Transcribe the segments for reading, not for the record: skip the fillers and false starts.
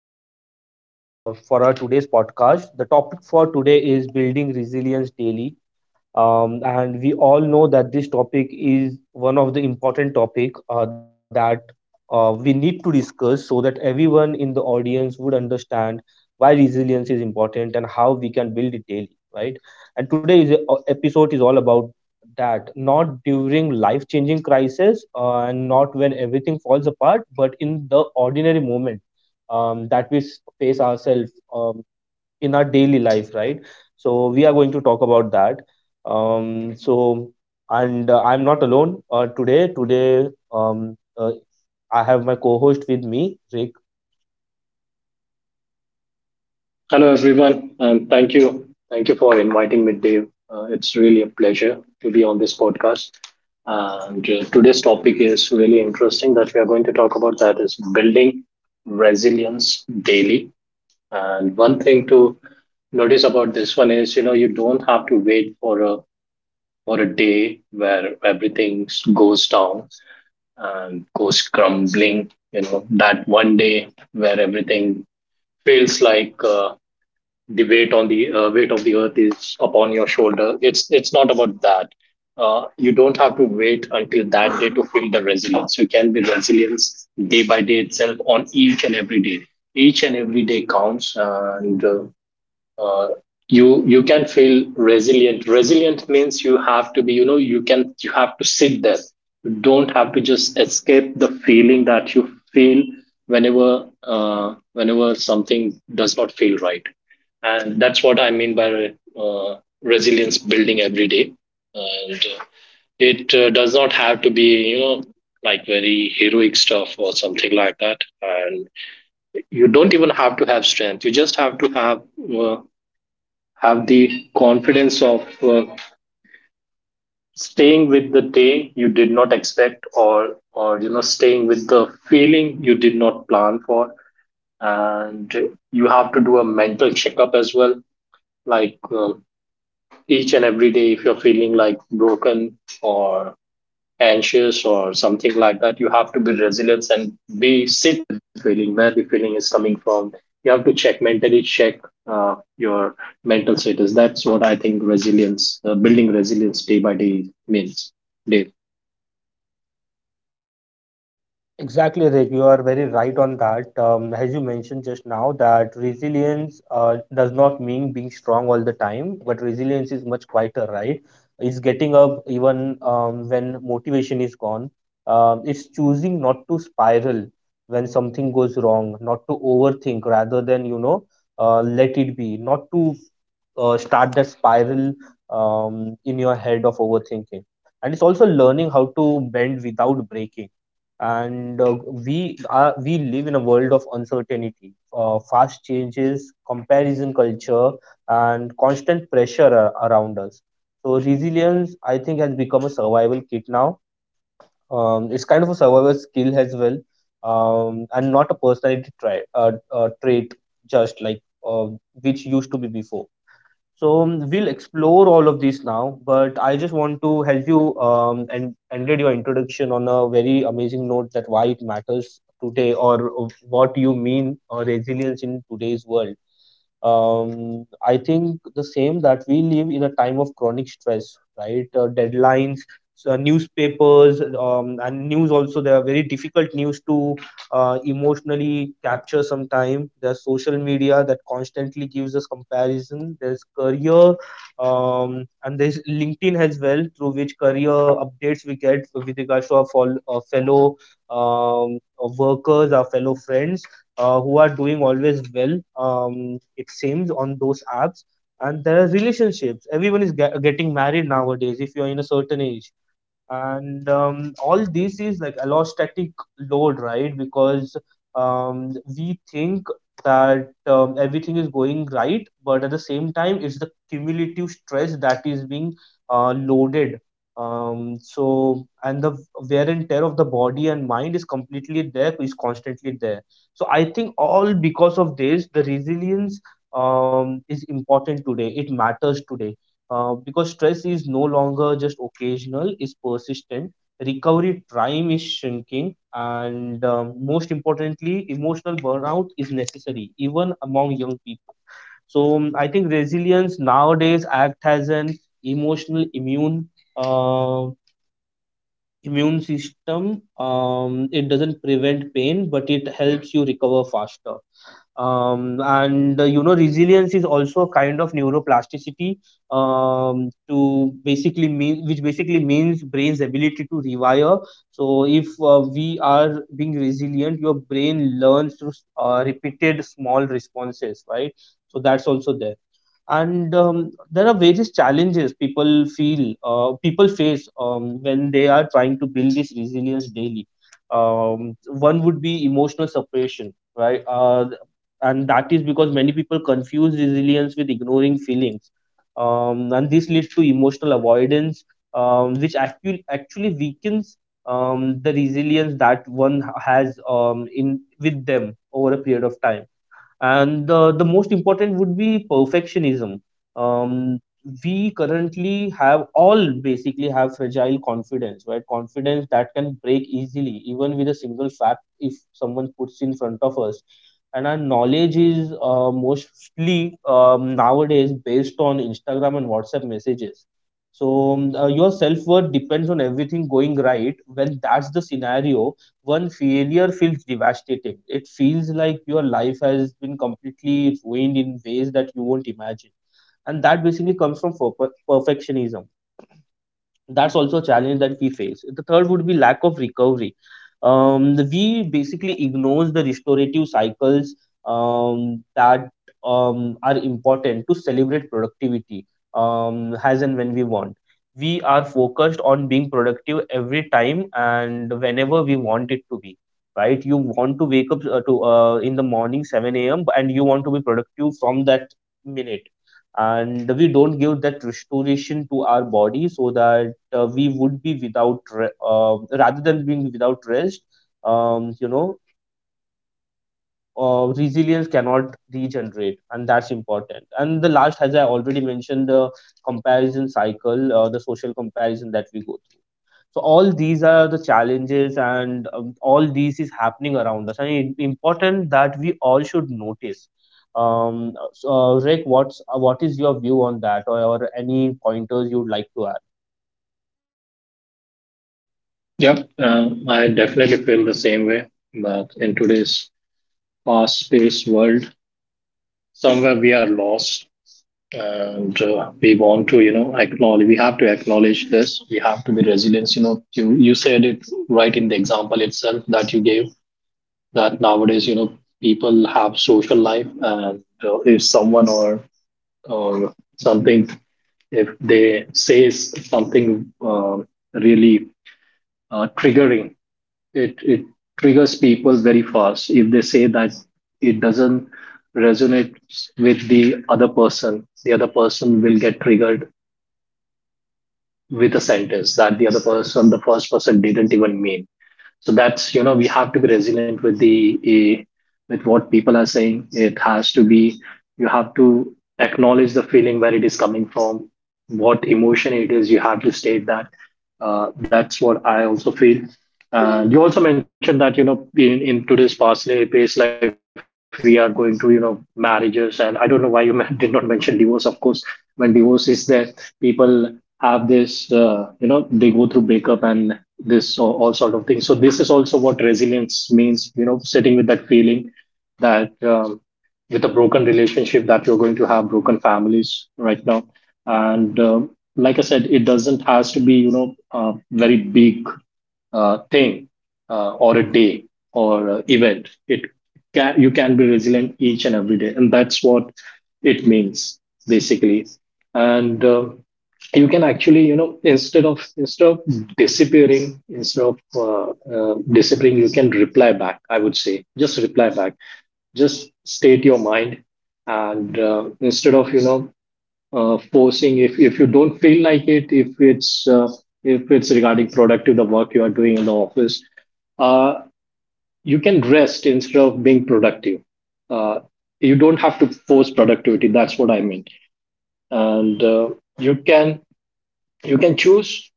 welcome everyone, for our today's podcast. The topic for today is building resilience daily, and we all know that this topic is one of the important topic that we need to discuss so that everyone in the audience would understand why resilience is important and how we can build it daily, right? And today's episode is all about that, not during life changing crisis, and not when everything falls apart, but in the ordinary moment face ourselves in our daily life, right? So we are going to talk about that. So and I'm not alone today. Today, I have my co-host with me, Hello, Rick. everyone, and thank you. Thank you for inviting me, Dave. It's really a pleasure to be on this podcast. And today's topic is really interesting that we are going to talk about, that is building resilience daily. And one thing to notice about this one is, you know, you don't have to wait for a day where everything goes down and goes crumbling. You know, that one day where everything feels like the weight on the weight of the earth is upon your shoulder, it's not about that. You don't have to wait until that day to feel the resilience. You can be resilience day by day itself, on each and every day. Each and every day counts. And uh, uh, you you can feel resilient. Means you have to be, you know, you can, you have to sit there. You don't have to just escape the feeling that you feel whenever whenever something does not feel right. And that's what I mean by resilience building every day. And uh, it uh, does not have to be, you know, like very heroic stuff or something like that. And you don't even have to have strength. You just have to have uh, have the confidence of staying with the day you did not expect, or you know, staying with the feeling you did not plan for. And you have to do a mental checkup as well, like, each and every day, if you're feeling like broken or anxious or something like that, you have to be resilient and be sit with the feeling, where the feeling is coming from. You have to check, mentally check, your mental status. That's what I think resilience, building resilience day by day, means, Dave. Exactly, Rick. You are very right on that. As you mentioned just now, that resilience does not mean being strong all the time, but resilience is much quieter, right? It's getting up even when motivation is gone. It's choosing not to spiral when something goes wrong, not to overthink, rather than, you know, let it be, not to start that spiral in your head of overthinking. And it's also learning how to bend without breaking. And we live in a world of uncertainty, fast changes, comparison culture, and constant pressure around us. So resilience, I think, has become a survival kit now. It's kind of a survival skill as well, and not a personality trait, just like, uh, which used to be before. So we'll explore all of these now, but I just want to help you, and ended your introduction on a very amazing note that why it matters today, or what you mean, resilience in today's world. Um, I think the same, that we live in a time of chronic stress, right? Deadlines, newspapers, and news also. There are very difficult news to emotionally capture. Sometime there's social media that constantly gives us comparison. There's career, and there's LinkedIn as well, through which career updates we get with regards to our fellow workers, our fellow friends who are doing always well, it seems, on those apps. And there are relationships, everyone is getting married nowadays if you are in a certain age. And all this is like allostatic load, right? Because we think that everything is going right, but at the same time it's the cumulative stress that is being loaded. Um, so and the wear and tear of the body and mind is completely there is constantly there. So I think, all because of this, the resilience is important today, it matters today, because stress is no longer just occasional, it's persistent. Recovery time is shrinking, and most importantly, emotional burnout is necessary even among young people. So I think resilience nowadays act as an emotional immune uh, system. Um, it doesn't prevent pain, but it helps you recover faster. Um, and you know, resilience is also a kind of neuroplasticity, to basically mean which basically means brain's ability to rewire. So if we are being resilient, your brain learns through repeated small responses, right? So that's also there. And there are various challenges people feel, people face, when they are trying to build this resilience daily. Um, one would be emotional separation, right, and that is because many people confuse resilience with ignoring feelings. Um, and this leads to emotional avoidance, which actually weakens the resilience that one has, in with them, over a period of time. And the most important would be perfectionism. Um, we currently have all basically have fragile confidence, right? Confidence that can break easily, even with a single fact if someone puts in front of us. And our knowledge is mostly, nowadays based on Instagram and WhatsApp messages. So your self worth depends on everything going right. When that's the scenario, one failure feels devastating. It feels like your life has been completely ruined in ways that you won't imagine. And that basically comes from perfectionism. That's also a challenge that we face. The third would be lack of recovery. We basically ignores the restorative cycles that are important to celebrate productivity, as and when we want. We are focused on being productive every time and whenever we want it to be. Right? You want to wake up to in the morning 7 a.m., and you want to be productive from that minute, and we don't give that restoration to our body, so that we would be without re- rather than being without rest, you know, resilience cannot regenerate, and that's important. And the last, as I already mentioned, the comparison cycle, the social comparison that we go through. So all these are the challenges, and all these is happening around us, and it's important that we all should notice. So, Rick, what is your view on that, or any pointers you'd like to add? Yep. I definitely feel the same way, but in today's fast paced world, somewhere we are lost. And we want to, you know, acknowledge, we have to acknowledge this. We have to be resilient. You know, you said it right in the example itself that you gave, that nowadays, you know, people have social life. And if someone or something, if they says something really triggering, it triggers people very fast. If they say that it doesn't resonate with the other person, the other person will get triggered with a sentence that the other person, the first person, didn't even mean. So that's, you know, we have to be resilient with the with what people are saying. It has to be, you have to acknowledge the feeling, where it is coming from, what emotion it is, you have to state that. That's what I also feel. And you also mentioned that, you know, in today's fast paced life, we are going to, you know, marriages, and I don't know why you did not mention divorce, of course. When divorce is there, people have this, you know, they go through breakup and this all sort of things. So this is also what resilience means, you know, sitting with that feeling, that with a broken relationship, that you're going to have broken families right now. And um like I said, it doesn't has to be, you know, a very big thing or a day or event. It can, you can be resilient each and every day, and that's what it means basically. And you can actually, you know, instead of disappearing, instead of disappearing, you can reply back, I would say. Just reply back, just state your mind. And instead of, you know, forcing, if you don't feel like it, if it's regarding productive the work you are doing in the office, uh, you can rest instead of being productive. uh, you don't have to force productivity, that's what I mean. And uh, you can, you can choose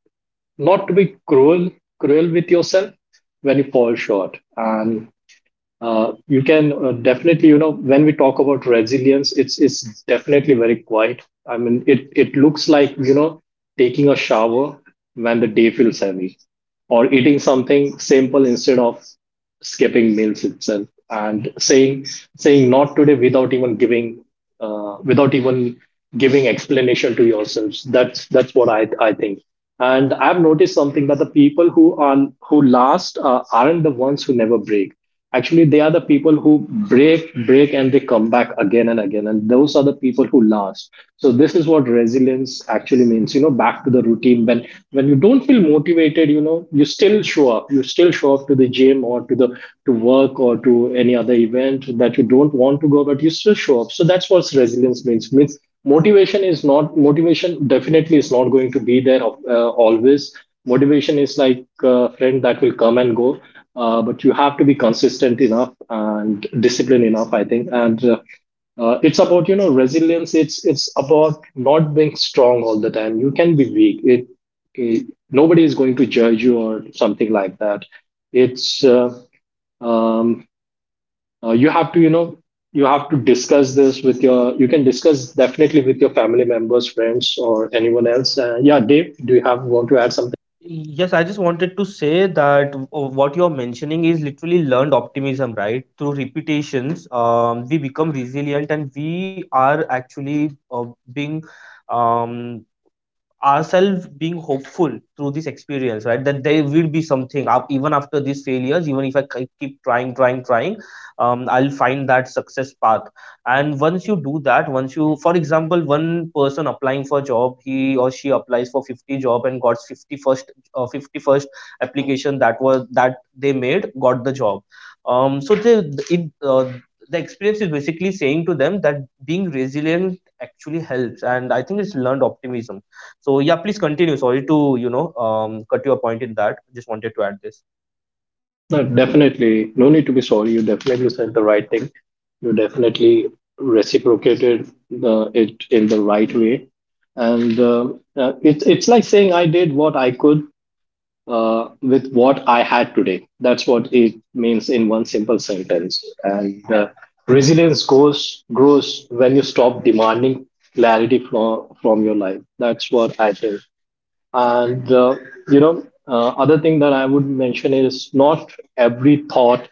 not to be cruel with yourself when you fall short. And uh, you can definitely, you know, when we talk about resilience, it's definitely very quiet. I mean, it looks like, you know, taking a shower when the day feels heavy, or eating something simple instead of skipping meals itself, and saying not today without even giving, without even giving explanation to yourselves. That's what I think. And I've noticed something, that the people who are who last aren't the ones who never break. Actually, they are the people who break and they come back again and again, and those are the people who last. So this is what resilience actually means, you know, back to the routine. When you don't feel motivated, you know, you still show up, you still show up to the gym, or to the to work, or to any other event that you don't want to go, but you still show up. So that's what resilience means. Motivation is not, motivation definitely is not going to be there always. Motivation is like a friend that will come and go. But you have to be consistent enough and disciplined enough, I think. And uh, uh, it's about, you know, resilience, it's about not being strong all the time. You can be weak, it, nobody is going to judge you or something like that. It's uh, um, uh, you have to, you know, you have to discuss this with your, you can discuss definitely with your family members, friends, or anyone else. Yeah, Dave, do you have, want to add something? Yes, I just wanted to say that what you're mentioning is literally learned optimism, right? Through repetitions, we become resilient, and we are actually being um, ourselves being hopeful through this experience, right? That there will be something up even after these failures, even if I keep trying, I'll find that success path. And once you do that, once you, for example, one person applying for job, he or she applies for 50 job and got 51st, application that was that they made, got the job. um, so they, it, uh, the experience is basically saying to them that being resilient actually helps, and I think it's learned optimism. So yeah, please continue. Sorry to, you know, cut your point in that. I just wanted to add this. No, definitely no need to be sorry. You definitely said the right thing. You definitely reciprocated the, it in the right way. And uh, uh, it's it's like saying, I did what I could with what I had today. That's what it means in one simple sentence. And resilience goes grows when you stop demanding clarity from your life. That's what I think. And you know, other thing that I would mention is, not every thought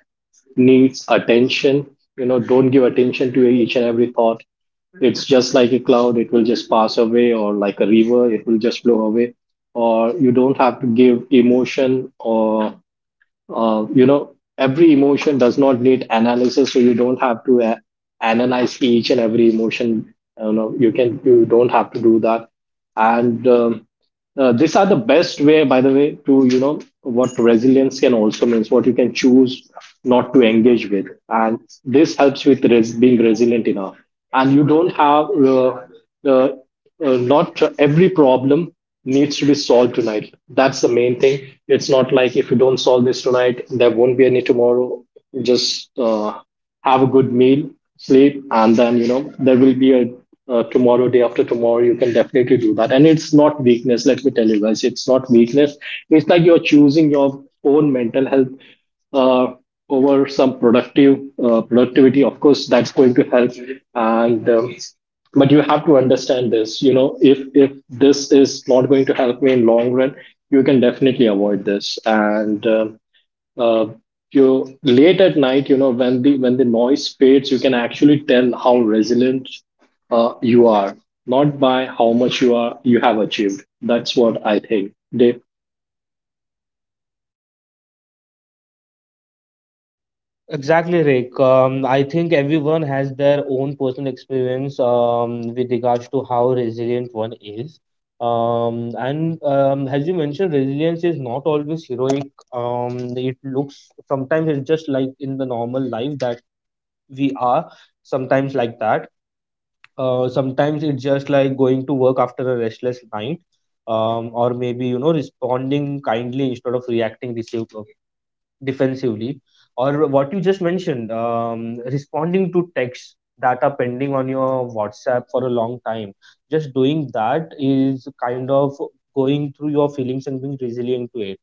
needs attention. You know, don't give attention to each and every thought. It's just like a cloud; it will just pass away, or like a river, it will just flow away. Or you don't have to give emotion, or you know, every emotion does not need analysis, so you don't have to analyze each and every emotion. You know, you can, you don't have to do that. And um, uh, these are the best way, by the way, to, you know, what resilience can also means: what you can choose not to engage with. And this helps with being resilient enough. And you don't have uh, not every problem needs to be solved tonight, that's the main thing. It's not like if you don't solve this tonight there won't be any tomorrow. Just have a good meal, sleep, and then, you know, there will be a tomorrow, day after tomorrow. You can definitely do that, and it's not weakness. Let me tell you guys, it's not weakness. It's like you're choosing your own mental health uh, over some productive productivity. Of course, that's going to help. And but you have to understand this. You know, if this is not going to help me in long run, you can definitely avoid this and. uh, you, late at night, you know, when the noise fades, you can actually tell how resilient you are, not by how much you are, you have achieved. That's what I think, Dave. Exactly, Rick. I think everyone has their own personal experience with regards to how resilient one is. And as you mentioned, resilience is not always heroic. It looks sometimes, it's just like in the normal life that we are sometimes like that. Sometimes it's just like going to work after a restless night, or maybe, you know, responding kindly instead of reacting defensively, or what you just mentioned, responding to texts that are pending on your WhatsApp for a long time. Just doing that is kind of going through your feelings and being resilient to it.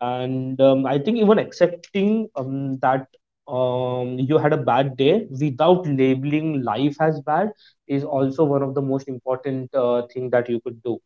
And I think even accepting that you had a bad day without labeling life as bad is also one of the most important thing that you could do.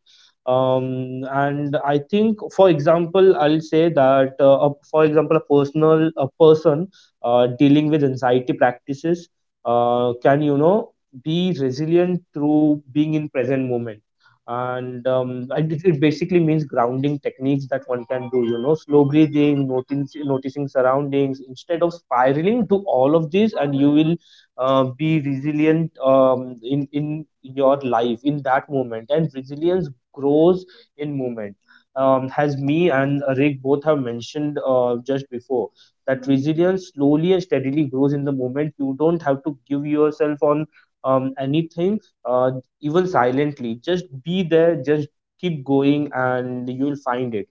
Um, and I think, for example, I'll say that a, for example a personal a person dealing with anxiety practices can, you know, be resilient through being in present moment. And and it basically means grounding techniques that one can do, you know, slow breathing, noticing surroundings instead of spiraling, do all of these and you will be resilient in your life, in that moment. And resilience grows in moment, has me and Rick both have mentioned just before, that resilience slowly and steadily grows in the moment. You don't have to give yourself on anything, uh, even silently. Just be there, just keep going, and you'll find it.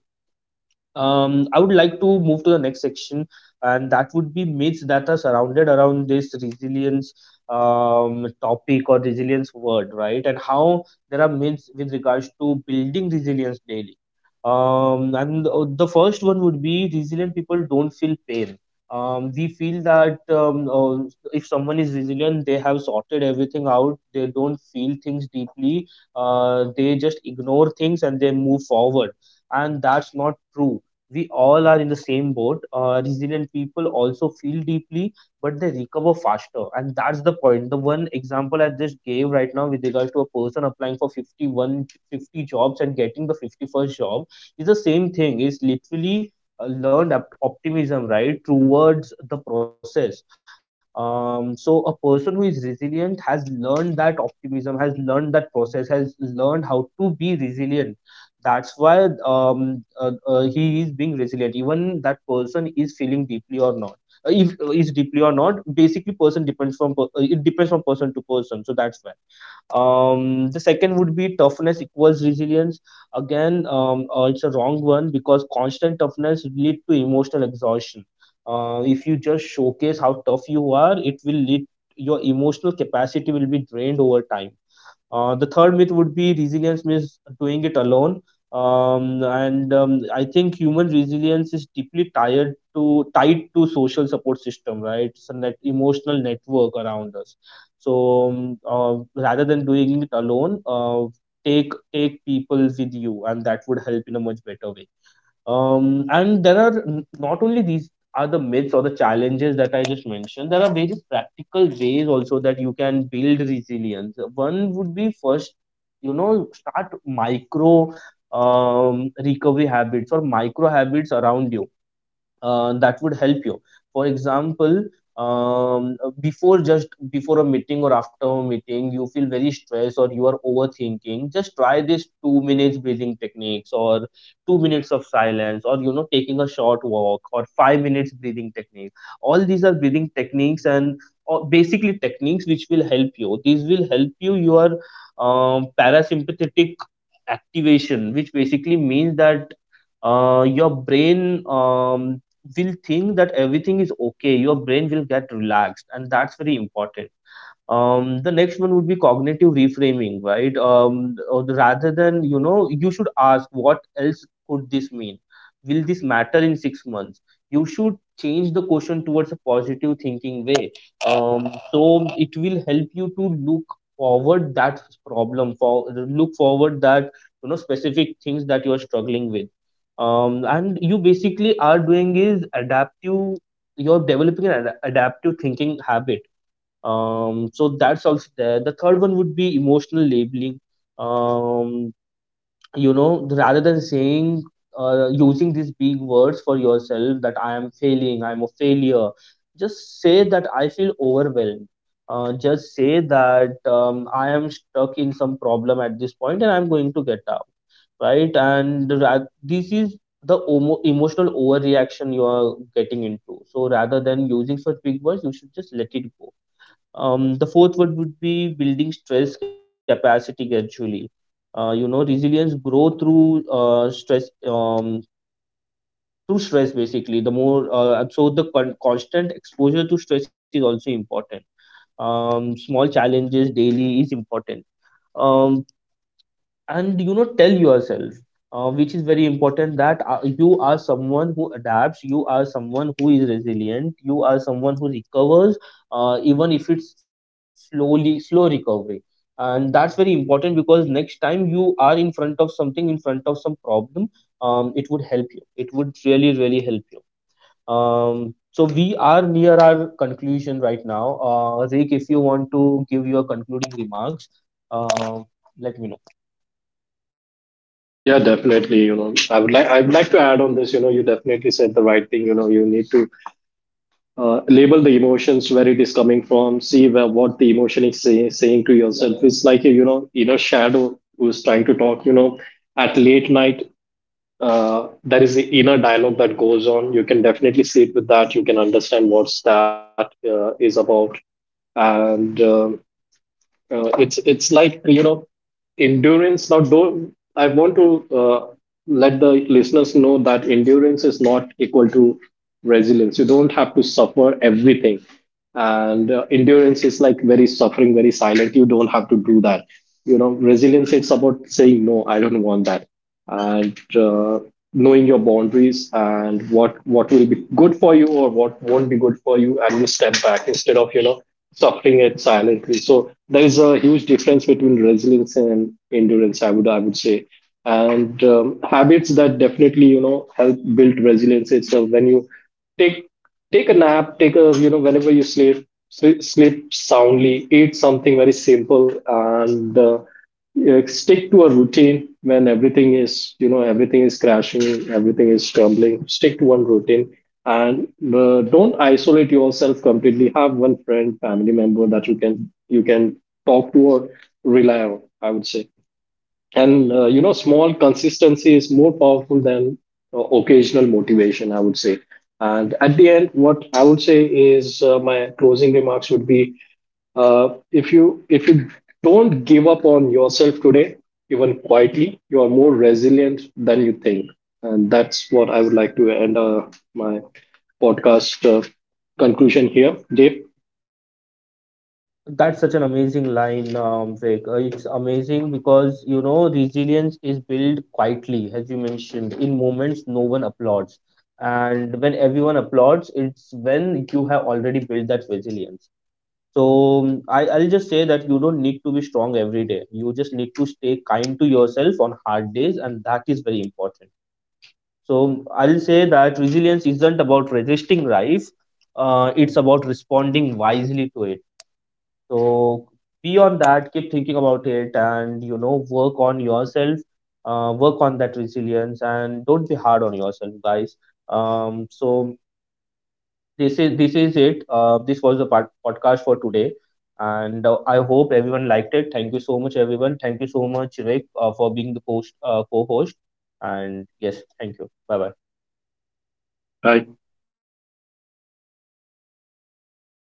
I would like to move to the next section, and that would be myths that are surrounded around this resilience topic or resilience word, right? And how there are myths with regards to building resilience daily. And the first one would be, resilient people don't feel pain. We feel that if someone is resilient, they have sorted everything out. They don't feel things deeply. They just ignore things and they move forward, and that's not true. We all are in the same boat. Resilient people also feel deeply, but they recover faster, and that's the point. The one example I just gave right now, with regards to a person applying for 50 jobs and getting the 51st job, is the same thing. It's literally learned optimism, right, towards the process. So a person who is resilient has learned that optimism, has learned that process, has learned how to be resilient. That's why he is being resilient, even that person is feeling deeply or not. If is deeply or not, basically person depends from it depends from person to person. So that's why, the second would be toughness equals resilience. Again, it's a wrong one because constant toughness lead to emotional exhaustion. If you just showcase how tough you are, it will lead, your emotional capacity will be drained over time. The third myth would be resilience means doing it alone. And I think human resilience is deeply tied to social support system, right? It's a net emotional network around us. So rather than doing it alone, take people with you, and that would help in a much better way. And there are not only these are the myths or the challenges that I just mentioned, there are various practical ways also that you can build resilience. One would be, first, you know, start micro, recovery habits or micro habits around you that would help you. For example, before just before a meeting or after a meeting, you feel very stressed or you are overthinking. Just try this 2 minutes breathing techniques, or 2 minutes of silence, or you know, taking a short walk or 5 minutes breathing technique. All these are breathing techniques, and or basically techniques which will help you. These will help you your parasympathetic activation, which basically means that your brain will think that everything is okay, your brain will get relaxed, and that's very important. The next one would be cognitive reframing, right? Or rather than, you know, you should ask, what else could this mean? Will this matter in 6 months? You should change the question towards a positive thinking way. So it will help you to look forward that problem for, look forward that, you know, specific things that you are struggling with. And you basically are doing is adaptive. You're developing an adaptive thinking habit. Um, so that's also there. The third one would be emotional labeling. Um, you know, rather than saying, using these big words for yourself that I am failing, I'm a failure, just say that I feel overwhelmed. Just say that I am stuck in some problem at this point and I'm going to get out, right? And this is the emotional overreaction you are getting into. So rather than using such big words, you should just let it go. The fourth one would be building stress capacity gradually. You know, resilience grow through stress, through stress basically. The more, constant exposure to stress is also important. Small challenges daily is important. Um, and you know, tell yourself, which is very important, that you are someone who adapts, you are someone who is resilient, you are someone who recovers, even if it's slow recovery. And that's very important, because next time you are in front of something, in front of some problem, it would help you, it would really really help you. So we are near our conclusion right now. Rick, if you want to give your concluding remarks, uh, let me know. Yeah, definitely, you know, I would like to add on this. You know, you definitely said the right thing. You know, you need to label the emotions, where it is coming from. See where, what the emotion is saying to yourself. It's like a, you know, inner shadow who's trying to talk, you know, at late night. There is the inner dialogue that goes on. You can definitely sit with that. You can understand what's that is about. And uh, uh, it's it's like, you know, endurance. Now, don't, I want to let the listeners know that endurance is not equal to resilience. You don't have to suffer everything. And endurance is like very suffering, very silent. You don't have to do that. You know, resilience is about saying, no, I don't want that. And knowing your boundaries and what will be good for you or what won't be good for you, and you step back instead of, you know, suffering it silently. So there is a huge difference between resilience and endurance, I would, I would say. And habits that definitely, you know, help build resilience itself. When you take take a nap, take a, you know, whenever you sleep, sleep soundly, eat something very simple, and yeah, stick to a routine when everything is, you know, everything is crashing, everything is crumbling. Stick to one routine. And don't isolate yourself completely. Have one friend, family member that you can, you can talk to or rely on, I would say. And you know, small consistency is more powerful than occasional motivation, I would say. And at the end, what I would say is, my closing remarks would be, if you don't give up on yourself today, even quietly, you are more resilient than you think. And that's what I would like to end, my podcast conclusion here. Dave? That's such an amazing line, Vic. It's amazing because you know, resilience is built quietly, as you mentioned, in moments no one applauds, and when everyone applauds, it's when you have already built that resilience. So I'll just say that you don't need to be strong every day. You just need to stay kind to yourself on hard days, and that is very important. So I'll say that resilience isn't about resisting life. It's about responding wisely to it. So be on that, keep thinking about it, and you know, work on yourself, work on that resilience, and don't be hard on yourself, guys. So this is it. This was the podcast for today, and I hope everyone liked it. Thank you so much, everyone. Thank you so much, Rick, for being the host, co-host, and yes, thank you. Bye bye. Hi.